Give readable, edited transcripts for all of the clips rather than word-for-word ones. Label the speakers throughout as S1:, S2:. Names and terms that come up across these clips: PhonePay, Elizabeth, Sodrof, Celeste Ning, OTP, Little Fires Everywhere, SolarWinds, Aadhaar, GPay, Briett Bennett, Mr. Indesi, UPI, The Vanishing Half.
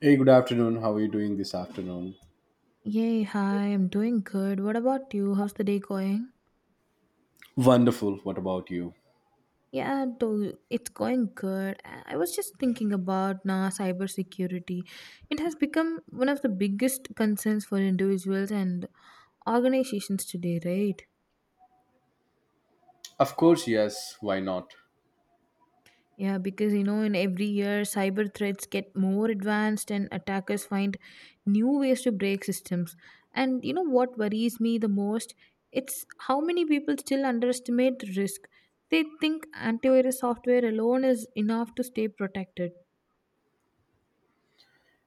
S1: Hey, good afternoon. How are you doing this afternoon?
S2: Yay, hi, I'm doing good. What about you? How's the day going?
S1: Wonderful. What about you?
S2: It's going good. I was just thinking about now cybersecurity. It has become one of the biggest concerns for individuals and organizations today, right?
S1: Of course, yes. Why not?
S2: Yeah, because you know, in every year, cyber threats get more advanced and attackers find new ways to break systems. And you know what worries me the most? It's how many people still underestimate the risk. They think antivirus software alone is enough to stay protected.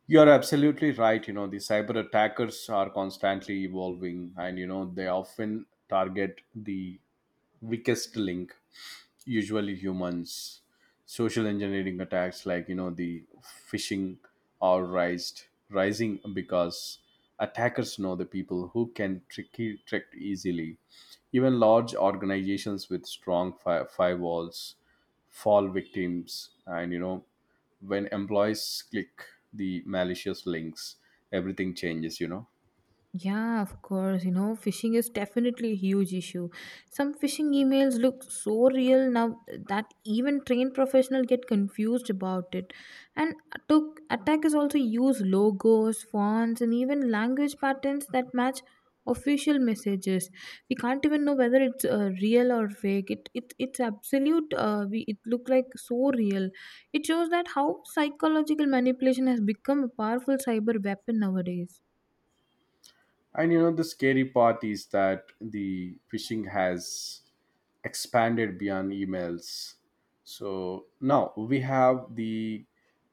S1: You're absolutely right. You know, the cyber attackers are constantly evolving and, you know, they often target the weakest link, usually humans. Social engineering attacks like you know the phishing are rised rising because attackers know the people who can trick easily. Even large organizations with strong firewalls fall victims. And you know, when employees click the malicious links, everything changes, you know.
S2: Yeah, of course. You know, phishing is definitely a huge issue. Some phishing emails look so real now that even trained professionals get confused about it. And attackers also use logos, fonts, and even language patterns that match official messages. We can't even know whether it's real or fake. It's absolute. It look like so real. It shows that how psychological manipulation has become a powerful cyber weapon nowadays.
S1: And you know, the scary part is that the phishing has expanded beyond emails. So now we have the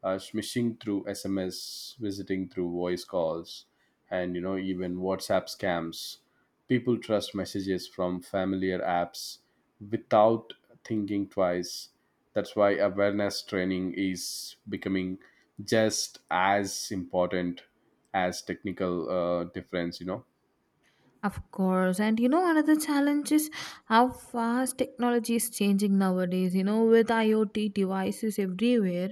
S1: smishing through SMS, visiting through voice calls, and you know, even WhatsApp scams. People trust messages from familiar apps without thinking twice. That's why awareness training is becoming just as important as technical difference, you know.
S2: Of course, and you know, another challenge is how fast technology is changing nowadays. You know, with IoT devices everywhere,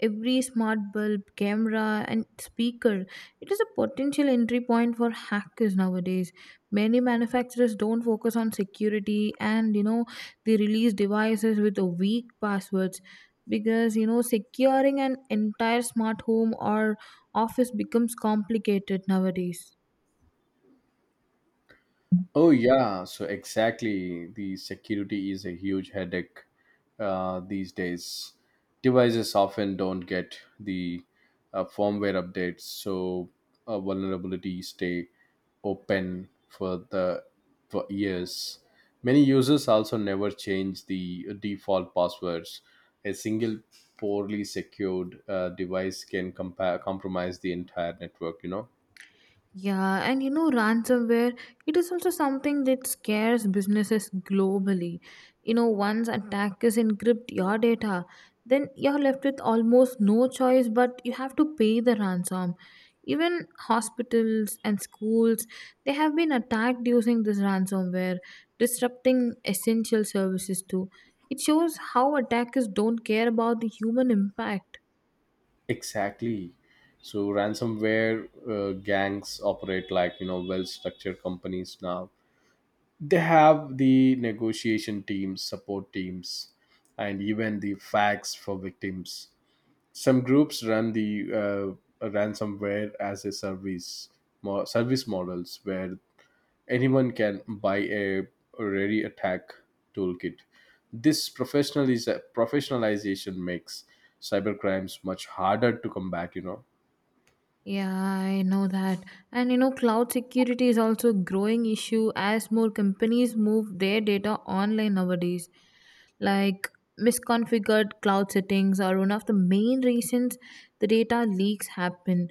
S2: every smart bulb, camera, and speaker, it is a potential entry point for hackers nowadays. Many manufacturers don't focus on security and you know, they release devices with a weak passwords because you know, securing an entire smart home or office becomes complicated nowadays.
S1: Oh yeah, so exactly. The security is a huge headache these days. Devices often don't get the firmware updates, so vulnerabilities stay open for the for years. Many users also never change the default passwords. A single poorly secured device can compromise the entire network, you know.
S2: Yeah, and you know, ransomware, it is also something that scares businesses globally. You know, once attackers encrypt your data, then you're left with almost no choice but you have to pay the ransom. Even hospitals and schools, they have been attacked using this ransomware, disrupting essential services too. It shows how attackers don't care about the human impact.
S1: Exactly. So ransomware gangs operate like, you know, well-structured companies now. They have the negotiation teams, support teams, and even the facts for victims. Some groups run the ransomware as a service service models where anyone can buy a ready attack toolkit. This professionalization makes cybercrimes much harder to combat, you know.
S2: Yeah, I know that. And you know, cloud security is also a growing issue as more companies move their data online nowadays. Like misconfigured cloud settings are one of the main reasons the data leaks happen.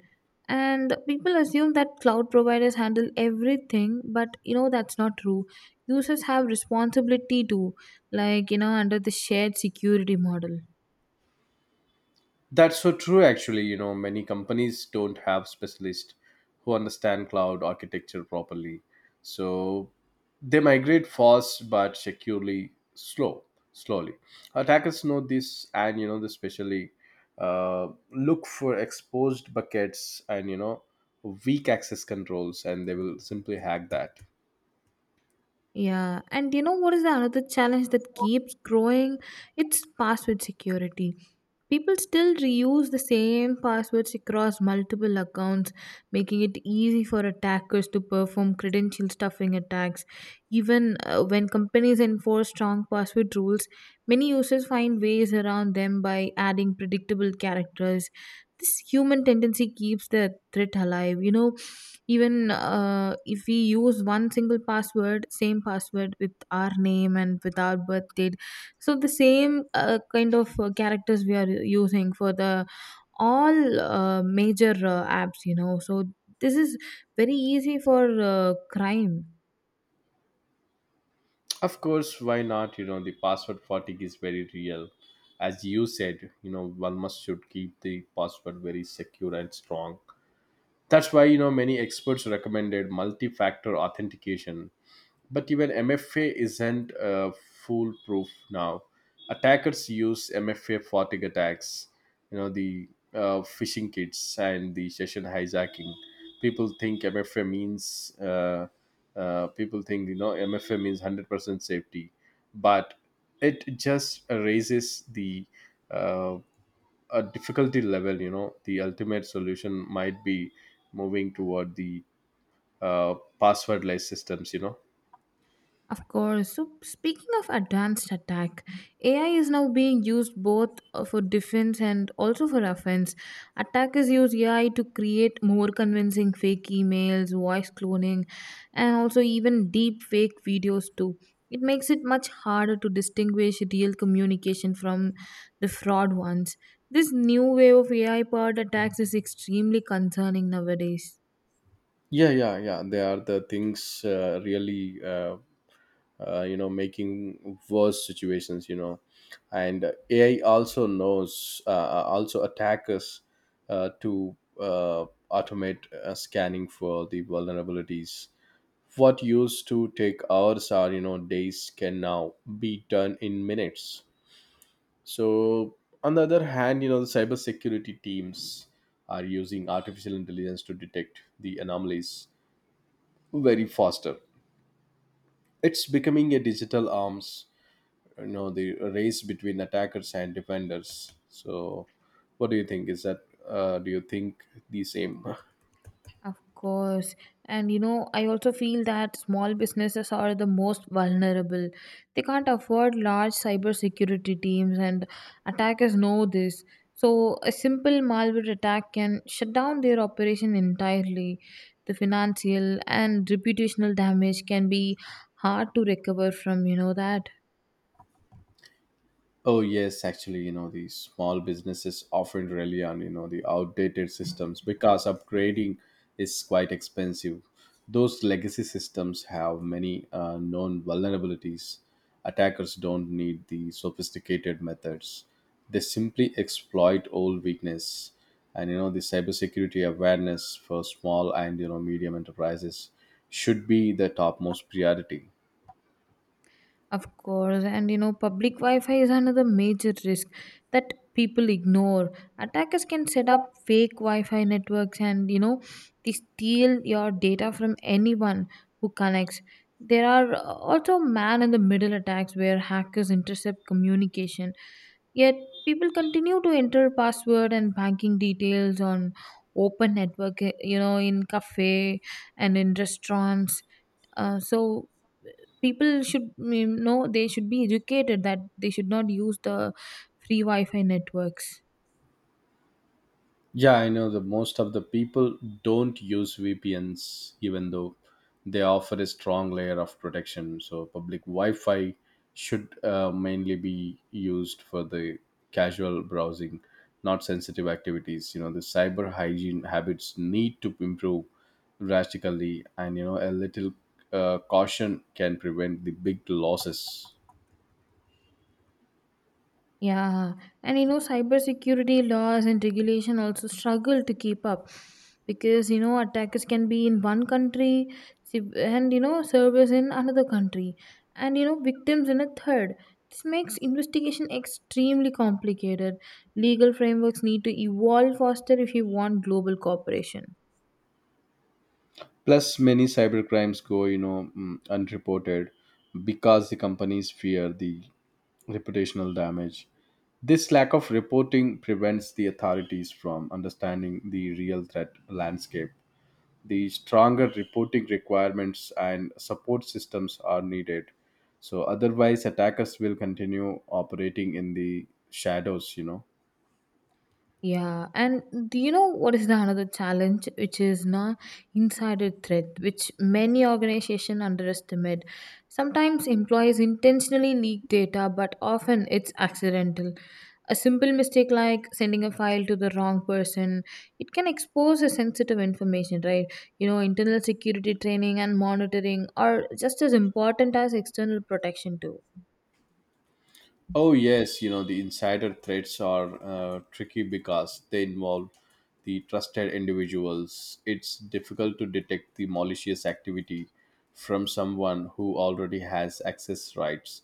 S2: And people assume that cloud providers handle everything, but you know, that's not true. Users have responsibility too, like, you know, under the shared security model.
S1: That's so true, actually. You know, many companies don't have specialists who understand cloud architecture properly. So they migrate fast but securely, slowly. Attackers know this, and you know, they specially look for exposed buckets and you know, weak access controls, and they will simply hack that.
S2: Yeah, and you know what is the another challenge that keeps growing? It's password security. People still reuse the same passwords across multiple accounts, making it easy for attackers to perform credential stuffing attacks. Even when companies enforce strong password rules, many users find ways around them by adding predictable characters. This human tendency keeps the threat alive. You know, even if we use one single password, same password with our name and with our birth date, so the same kind of characters we are using for the all major apps, you know. So this is very easy for crime.
S1: Of course, why not? You know, the password fatigue is very real. As you said, you know, one must should keep the password very secure and strong. That's why, you know, many experts recommended multi factor authentication, but even MFA isn't foolproof now. Attackers use MFA fatigue attacks, you know, the phishing kits and the session hijacking. People think MFA means, people think, you know, MFA means 100% safety, but it just raises the uh, a difficulty level. You know, the ultimate solution might be moving toward the uh, passwordless systems, you know.
S2: Of course. So, speaking of advanced attack, AI is now being used both for defense and also for offense. Attackers use AI to create more convincing fake emails, voice cloning, and also even deep fake videos too. It makes it much harder to distinguish real communication from the fraud ones. This new wave of AI powered attacks is extremely concerning nowadays.
S1: Yeah, they are the things, really you know, making worse situations, you know. And AI also knows, also attack us to uh, automate scanning for the vulnerabilities. What used to take hours or, you know, days can now be done in minutes. So on the other hand, you know, the cybersecurity teams are using artificial intelligence to detect the anomalies very faster. It's becoming a digital arms, you know, the race between attackers and defenders. So, what do you think? Is that, do you think the same?
S2: Of course. And you know, I also feel that small businesses are the most vulnerable. They can't afford large cybersecurity teams, and attackers know this. So, a simple malware attack can shut down their operation entirely. The financial and reputational damage can be hard to recover from, you know, that.
S1: Oh yes, actually, you know, these small businesses often rely on, you know, the outdated systems because upgrading is quite expensive. Those legacy systems have many known vulnerabilities. Attackers don't need the sophisticated methods. They simply exploit old weakness. And you know, the cybersecurity awareness for small and, you know, medium enterprises should be the topmost priority.
S2: Of course, and you know, public Wi Fi is another major risk that people ignore. Attackers can set up fake Wi Fi networks and you know, they steal your data from anyone who connects. There are also man in the middle attacks where hackers intercept communication, yet, people continue to enter password and banking details on open network, eh, you know, in cafe and in restaurants. So people should mm, know they should be educated that they should not use the free wi-fi networks.
S1: Yeah, I know that most of the people don't use VPNs, even though they offer a strong layer of protection. So, public Wi Fi should mainly be used for the casual browsing, not sensitive activities. You know, the cyber hygiene habits need to improve drastically, and you know, a little caution can prevent the big losses.
S2: Yeah, and you know, cybersecurity laws and regulation also struggle to keep up because you know attackers can be in one country and you know servers in another country and you know victims in a third. This makes investigation extremely complicated. Legal frameworks need to evolve faster if you want global cooperation.
S1: Plus, many cybercrimes go, you know, unreported because the companies fear the reputational damage. This lack of reporting prevents the authorities from understanding the real threat landscape. The stronger reporting requirements and support systems are needed. So, otherwise, attackers will continue operating in the shadows, you know.
S2: Yeah, and do you know what is the another challenge, which is na insider threat, which many organizations underestimate. Sometimes employees intentionally leak data, but often it's accidental. A simple mistake like sending a file to the wrong person, it can expose a sensitive information, right? You know, internal security training and monitoring are just as important as external protection too.
S1: Oh yes, you know, the insider threats are tricky because they involve the trusted individuals. It's difficult to detect the malicious activity from someone who already has access rights.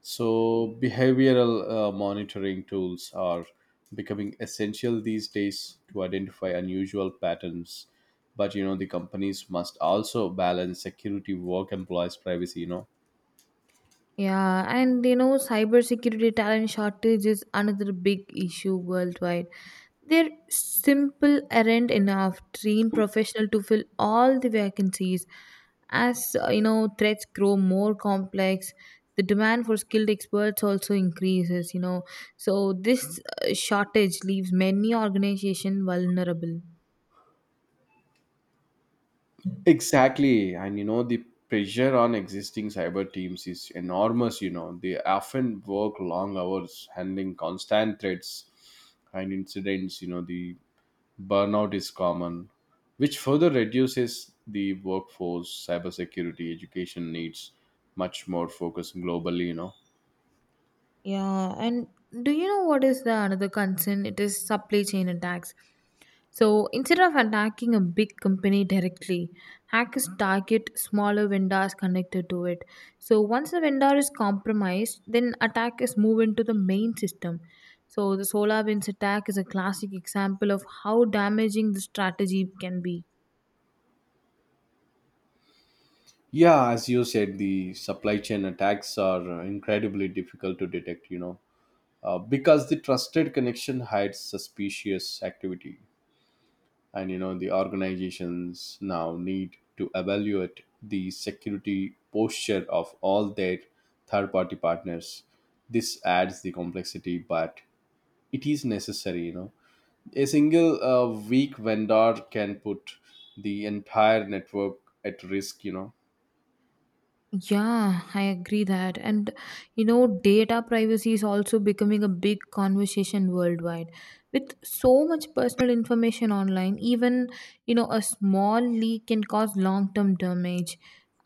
S1: So behavioral monitoring tools are becoming essential these days to identify unusual patterns. But you know, the companies must also balance security, work, employees' privacy, you know.
S2: Yeah, and you know, cybersecurity talent shortage is another big issue worldwide. Their simple aren't enough trained professional to fill all the vacancies. As you know, threats grow more complex, the demand for skilled experts also increases. You know, so this shortage leaves many organizations vulnerable.
S1: Exactly. And you know, the pressure on existing cyber teams is enormous. You know, they often work long hours handling constant threats and incidents. You know, the burnout is common, which further reduces the workforce. Cybersecurity, education needs much more focus globally, you know.
S2: Yeah, and do you know what is the another concern? It is supply chain attacks. So instead of attacking a big company directly, hackers target smaller vendors connected to it. So once the vendor is compromised, then attackers move into the main system. So the SolarWinds attack is a classic example of how damaging the strategy can be.
S1: Yeah, as you said, the supply chain attacks are incredibly difficult to detect, you know, because the trusted connection hides suspicious activity. And you know, the organizations now need to evaluate the security posture of all their third party partners. This adds the complexity, but it is necessary, you know. A single weak vendor can put the entire network at risk, you know.
S2: Yeah, I agree that. And you know, data privacy is also becoming a big conversation worldwide. With so much personal information online, even you know, a small leak can cause long-term damage.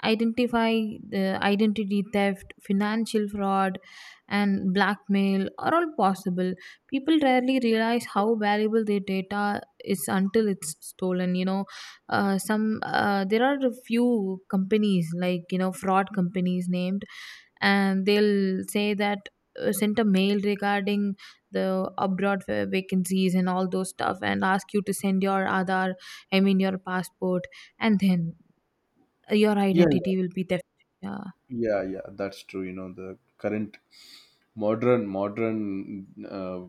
S2: Identify the Identity theft, financial fraud, and blackmail are all possible. People rarely realize how valuable their data is until it's stolen. You know, some there are a few companies like you know fraud companies named and they'll say that send a mail regarding the abroad vacancies and all those stuff and ask you to send your Aadhaar, I mean your passport, and then your
S1: yeah
S2: identity will be theft. Yeah.
S1: yeah yeah that's true. You know, the current modern uh,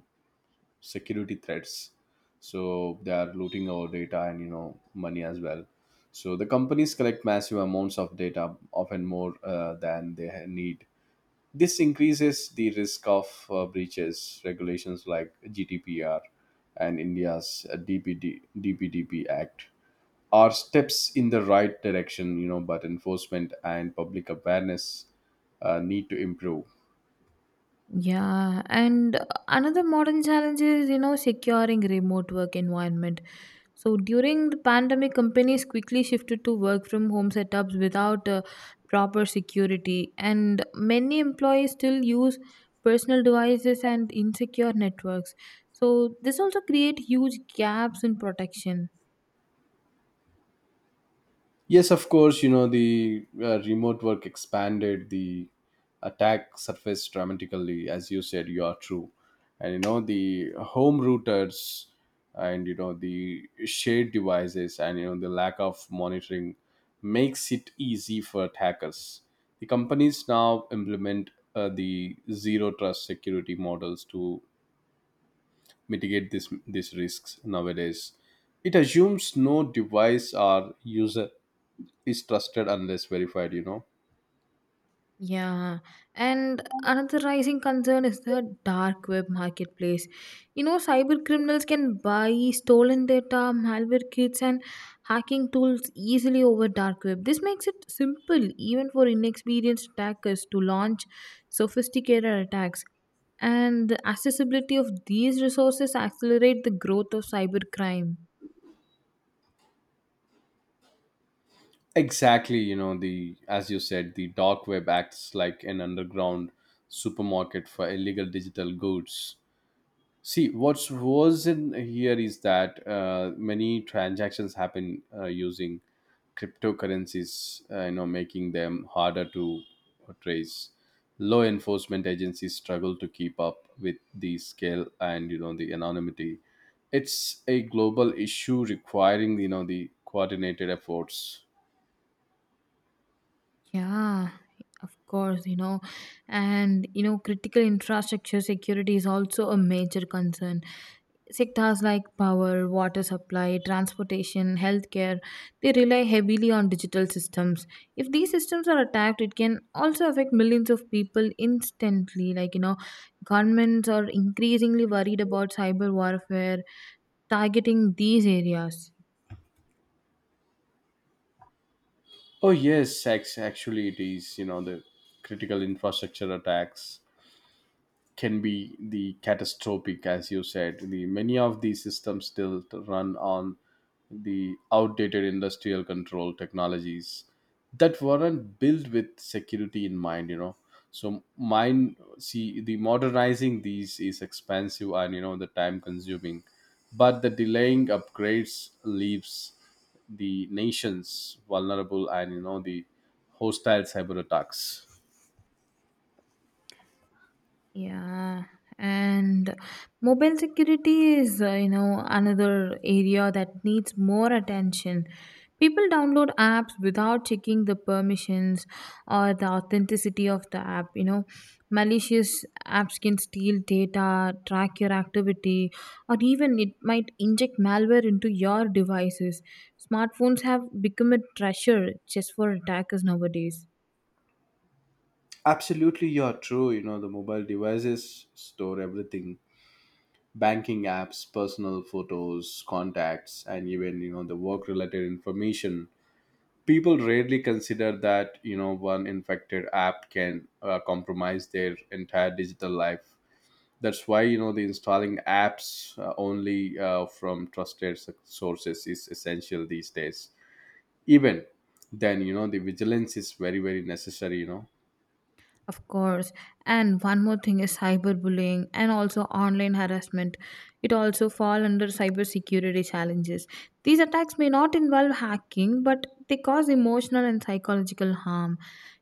S1: security threats, so they are looting our data and, you know, money as well. So the companies collect massive amounts of data, often more than they need. This increases the risk of breaches. Regulations like GDPR and India's DPDP act are steps in the right direction, you know, but enforcement and public awareness need to improve.
S2: Yeah, and another modern challenge is, you know, securing remote work environment. So during the pandemic, companies quickly shifted to work from home setups without proper security, and many employees still use personal devices and insecure networks. So this also create huge gaps in protection.
S1: Yes, of course. You know, the remote work expanded the attack surface dramatically, as you said, you are true. And, you know, the home routers and, you know, the shared devices and, you know, the lack of monitoring makes it easy for attackers. The companies now implement the zero trust security models to mitigate these risks nowadays. It assumes no device or user is trusted unless verified, you know.
S2: Yeah, and another rising concern is the dark web marketplace. You know, cyber criminals can buy stolen data, malware kits, and hacking tools easily over dark web. This makes it simple even for inexperienced attackers to launch sophisticated attacks. And the accessibility of these resources accelerate the growth of cybercrime.
S1: Exactly, you know. The, as you said, the dark web acts like an underground supermarket for illegal digital goods. See, what's worse in here is that many transactions happen using cryptocurrencies, you know, making them harder to trace. Law enforcement agencies struggle to keep up with the scale and, you know, the anonymity. It's a global issue requiring, you know, the coordinated efforts.
S2: Yeah, of course, you know, and you know, critical infrastructure security is also a major concern. Sectors like power, water supply, transportation, healthcare, they rely heavily on digital systems. If these systems are attacked, it can also affect millions of people instantly. Like, you know, governments are increasingly worried about cyber warfare targeting these areas.
S1: Oh yes, actually it is, you know, the critical infrastructure attacks can be the catastrophic. As you said, the many of these systems still run on the outdated industrial control technologies that weren't built with security in mind, you know. So mine see the modernizing these is expensive and, you know, the time consuming. But the delaying upgrades leaves the nations vulnerable and, you know, the hostile cyber attacks.
S2: Yeah, and mobile security is, you know, another area that needs more attention. People download apps without checking the permissions or the authenticity of the app. You know, malicious apps can steal data, track your activity, or even it might inject malware into your devices. Smartphones have become a treasure just for attackers nowadays.
S1: Absolutely, you're true. You know, the mobile devices store everything: banking apps, personal photos, contacts, and even, you know, the work related information. People rarely consider that, you know, one infected app can compromise their entire digital life. That's why, you know, the installing apps only from trusted sources is essential these days. Even then, you know, the vigilance is very, very necessary, you know.
S2: Of course. And one more thing is cyberbullying and also online harassment. It also fall under cybersecurity challenges. These attacks may not involve hacking, but they cause emotional and psychological harm.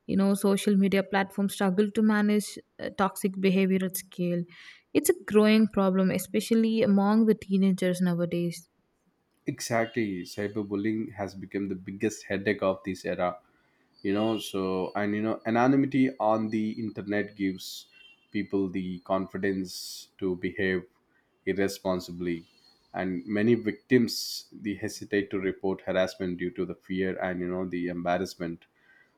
S2: You know, social media platforms struggle to manage toxic behavior at scale. It's a growing problem, especially among the teenagers nowadays.
S1: Exactly. Cyberbullying has become the biggest headache of this era, you know. So, and you know, anonymity on the internet gives people the confidence to behave irresponsibly. And many victims, they hesitate to report harassment due to the fear and, you know, the embarrassment.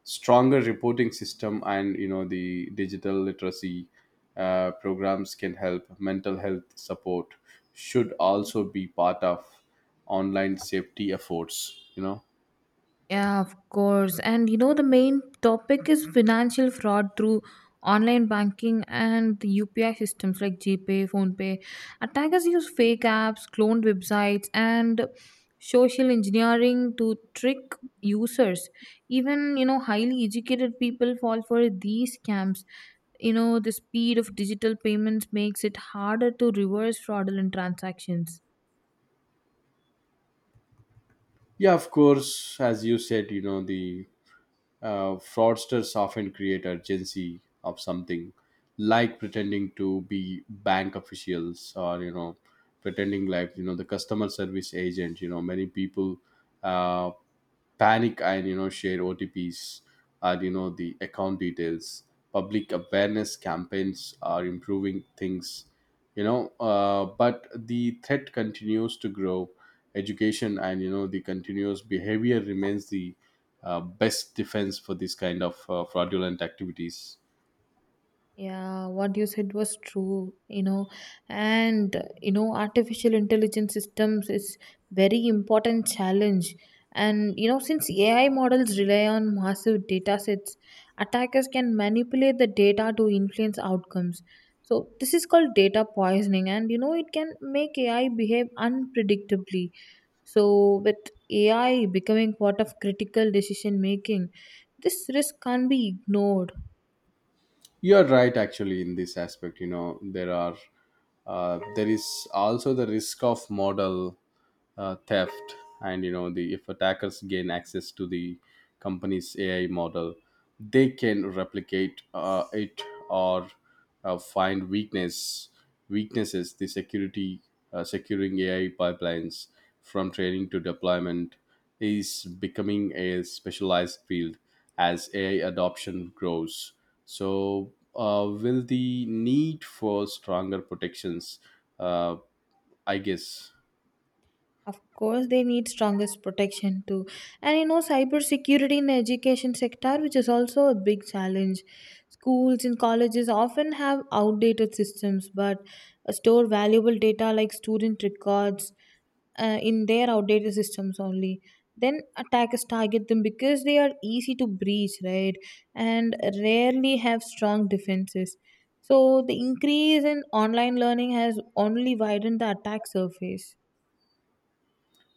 S1: Stronger reporting system and, you know, the digital literacy programs can help. Mental health support should also be part of online safety efforts, you know.
S2: Yeah, of course. And you know, the main topic is financial fraud through online banking and the UPI systems like GPay, PhonePay. Attackers use fake apps, cloned websites, and social engineering to trick users. Even, you know, highly educated people fall for these scams. You know, the speed of digital payments makes it harder to reverse fraudulent transactions.
S1: Yeah, of course, as you said. You know, the fraudsters often create urgency of something, like pretending to be bank officials or, you know, pretending like, you know, the customer service agent. You know, many people uh, panic and, you know, share OTPs or, you know, the account details. Public awareness campaigns are improving things, you know, but the threat continues to grow. Education and, you know, the continuous behavior remains the best defense for this kind of fraudulent activities.
S2: Yeah, what you said was true, you know, and you know, artificial intelligence systems is very important challenge. And you know, since AI models rely on massive data sets, attackers can manipulate the data to influence outcomes. So this is called data poisoning, and you know, it can make AI behave unpredictably. So with AI becoming part of critical decision making, this risk can't be ignored.
S1: You're right, actually, in this aspect. You know, there are, there is also the risk of model theft. And you know, the if attackers gain access to the company's AI model, they can replicate it or find weaknesses. The security, securing AI pipelines from training to deployment is becoming a specialized field. As AI adoption grows, so will the need for stronger protections, uh, I guess.
S2: Of course, they need strongest protection too. And you know, cybersecurity in the education sector, which is also a big challenge. Schools and colleges often have outdated systems, but store valuable data like student records in their outdated systems only. Then attackers target them because they are easy to breach, right? And rarely have strong defenses. So the increase in online learning has only widened the attack surface.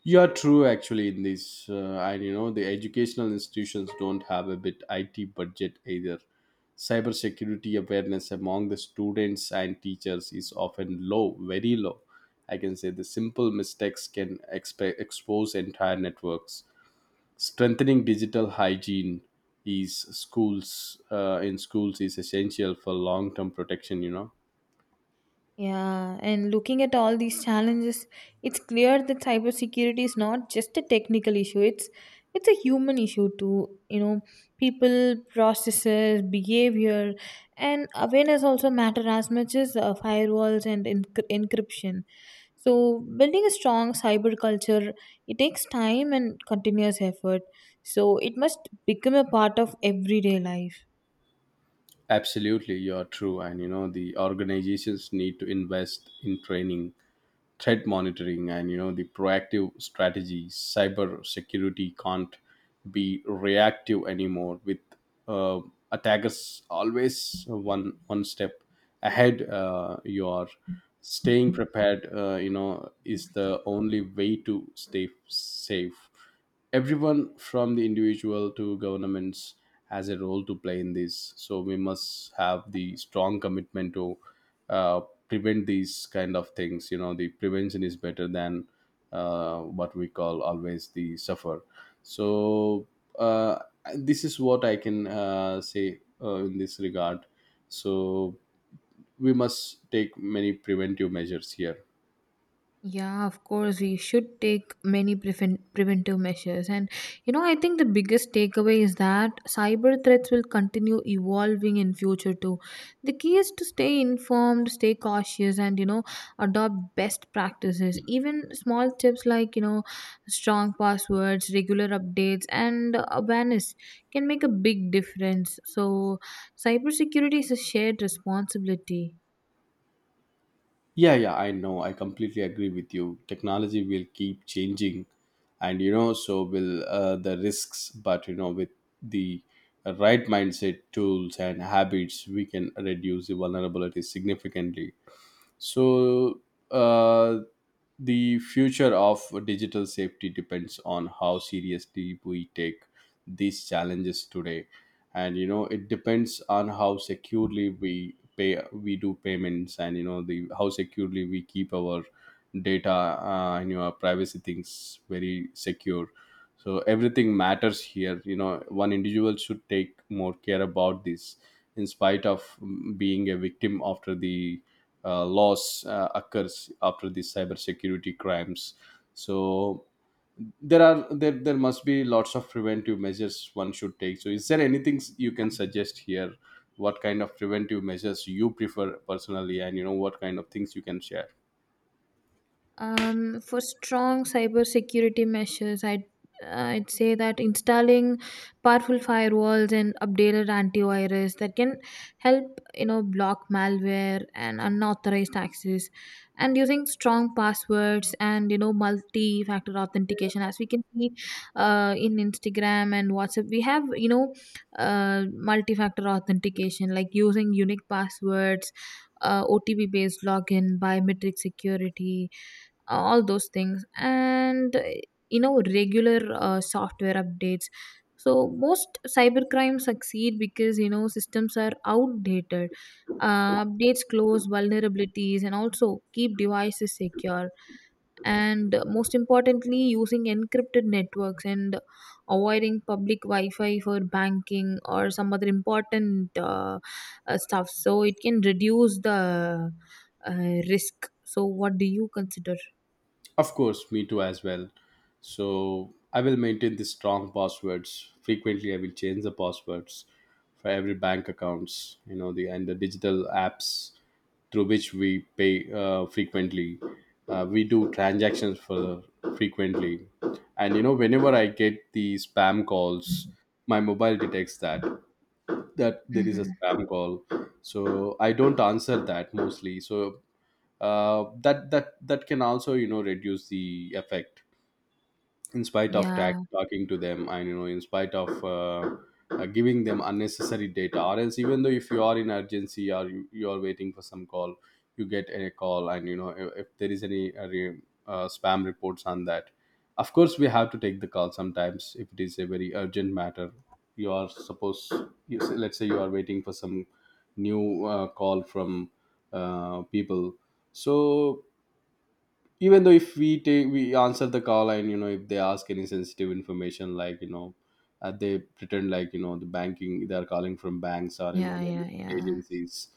S1: You are true, actually, in this, and you know the educational institutions don't have a bit IT budget either. Cybersecurity awareness among the students and teachers is often low, very low. I can say the simple mistakes can expose entire networks. Strengthening digital hygiene is schools, in schools, is essential for long-term protection. You know,
S2: Yeah, and looking at all these challenges, it's clear that cybersecurity is not just a technical issue. It's a human issue too. You know, people, processes, behavior, and awareness also matter as much as firewalls and encryption. So, building a strong cyber culture it takes time and continuous effort. So, it must become a part of everyday life.
S1: absolutely, you are true, and you know the organizations need to invest in training, threat monitoring, and you know the proactive strategies. Cyber security can't be reactive anymore with uh, attackers always one step ahead. You are staying prepared, you know, is the only way to stay safe. Everyone from the individual to governments has a role to play in this, so we must have the strong commitment to uh, prevent these kind of things. You know the prevention is better than what we call always the suffer. So uh, this is what I can say in this regard. So we must take many preventive measures here.
S2: Yeah, of course, we should take many preventive measures. And, you know, I think the biggest takeaway is that cyber threats will continue evolving in future too. The key is to stay informed, stay cautious, and, you know, adopt best practices. Even small tips like, you know, strong passwords, regular updates, and awareness can make a big difference. So, cybersecurity is a shared responsibility.
S1: Yeah, yeah, I know. I completely agree with you. Technology will keep changing, and you know, so will the risks. But you know, with the right mindset, tools, and habits, we can reduce the vulnerability significantly. So, uh, the future of digital safety depends on how seriously we take these challenges today. And you know, it depends on how securely we pay, we do payments, and you know the how securely we keep our data and your privacy things very secure. So everything matters here. You know, one individual should take more care about this in spite of being a victim after the laws occurs after these cybersecurity crimes. So there must be lots of preventive measures one should take. So is there anything you can suggest here? What kind of preventive measures you prefer personally, and you know what kind of things you can share?
S2: For strong cybersecurity measures, uh, I'd say that installing powerful firewalls and updated antivirus that can help you know block malware and unauthorized access, and using strong passwords and you know multi-factor authentication, as we can see in Instagram and WhatsApp, we have you know multi-factor authentication like using unique passwords. OTP based login, biometric security, all those things and you know regular software updates so most cybercrime succeed because you know systems are outdated updates close vulnerabilities and also keep devices secure and most importantly using encrypted networks and avoiding public wi-fi for banking or some other important stuff so it can reduce the uh, risk so what do you consider.
S1: Of course, me too as well. So I will maintain the strong passwords. Frequently, I will change the passwords for every bank accounts. You know the and the digital apps through which we pay frequently. We do transactions for frequently, and you know whenever I get the spam calls, my mobile detects that there is a
S2: Mhm.
S1: spam call, so I don't answer that mostly. So that can also you know reduce the effect in spite of
S2: Yeah,
S1: talking to them, and you know in spite of giving them unnecessary data. Or else, even though if you are in urgency, or you are waiting for some call, you get a call, and you know if there is any spam reports on that, of course we have to take the call sometimes. If it is a very urgent matter, you are supposed, you say, let's say you are waiting for some new call from people. So even though if we take we answer the call, and you know if they ask any sensitive information, like you know they pretend like you know the banking, they are calling from banks or you know
S2: yeah,
S1: the
S2: yeah, yeah.
S1: agencies,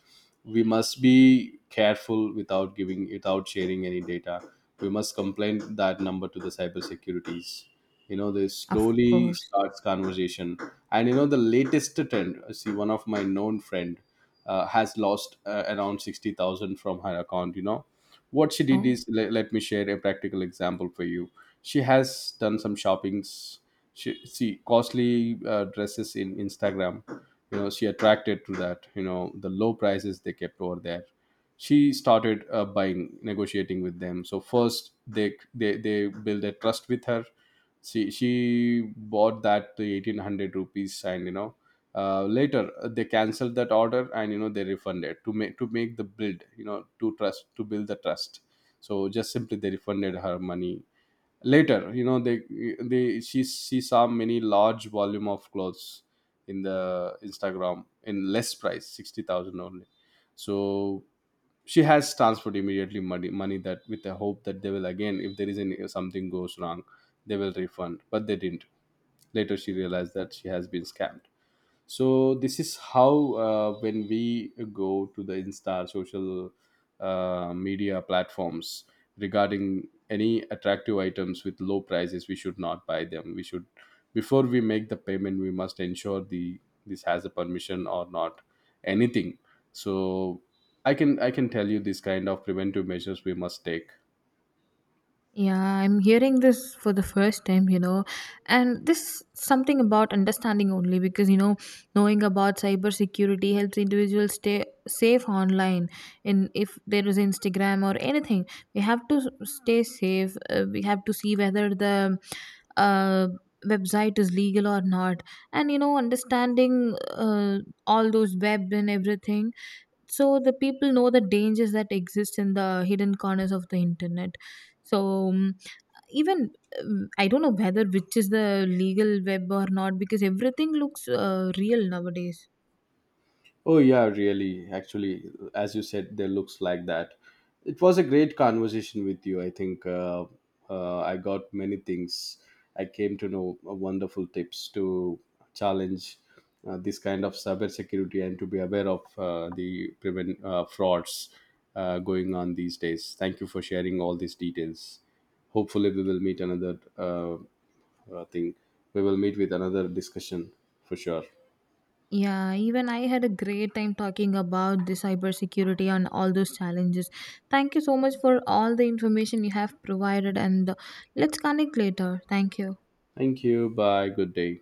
S1: we must be careful without giving, without sharing any data. We must complain that number to the cyber securities. You know they
S2: Of
S1: slowly
S2: course.
S1: starts conversation, and you know the latest trend. See, one of my known friend has lost around 60,000 from her account. You know what she did
S2: Oh,
S1: is, let me share a practical example for you. She has done some shoppings. She see costly dresses in instagram, you know. She attracted to that, you know the low prices they kept over there. She started buying, negotiating with them. So first they build a trust with her. She bought that to 1,800 rupees, and you know later they canceled that order, and you know they refunded, to make the build, you know, to build the trust. So just simply they refunded her money. Later you know they, she saw many large volume of clothes in the instagram in less price, 60,000 only. So she has transferred immediately, money that, with the hope that they will again, if there is any, if something goes wrong, they will refund, but they didn't. Later she realized that she has been scammed. So this is how, when we go to the insta, social media platforms, regarding any attractive items with low prices, we should not buy them. We should, before we make the payment, we must ensure the this has a permission or not, anything. So I can tell you this kind of preventive measures we must take.
S2: yeah, I'm hearing this for the first time, you know. And this something about understanding only because, you know, knowing about cybersecurity helps individuals stay safe online. In if there is Instagram or anything, we have to stay safe. We have to see whether the uh, website is legal or not. And, you know, understanding all those web and everything so the people know the dangers that exist in the hidden corners of the internet so even I don't know whether which is the legal web or not because everything looks real nowadays.
S1: Oh, yeah, really. Actually, as you said, there looks like that. It was a great conversation with you. I think I got many things. I came to know wonderful tips to challenge this kind of cybersecurity and to be aware of the prevent frauds going on these days. Thank you for sharing all these details. Hopefully, we will meet another thing. We will meet with another discussion for sure.
S2: Yeah, even I had a great time talking about the cybersecurity and all those challenges. Thank you so much for all the information you have provided and let's connect later. Thank you.
S1: Thank you. Bye. Good day.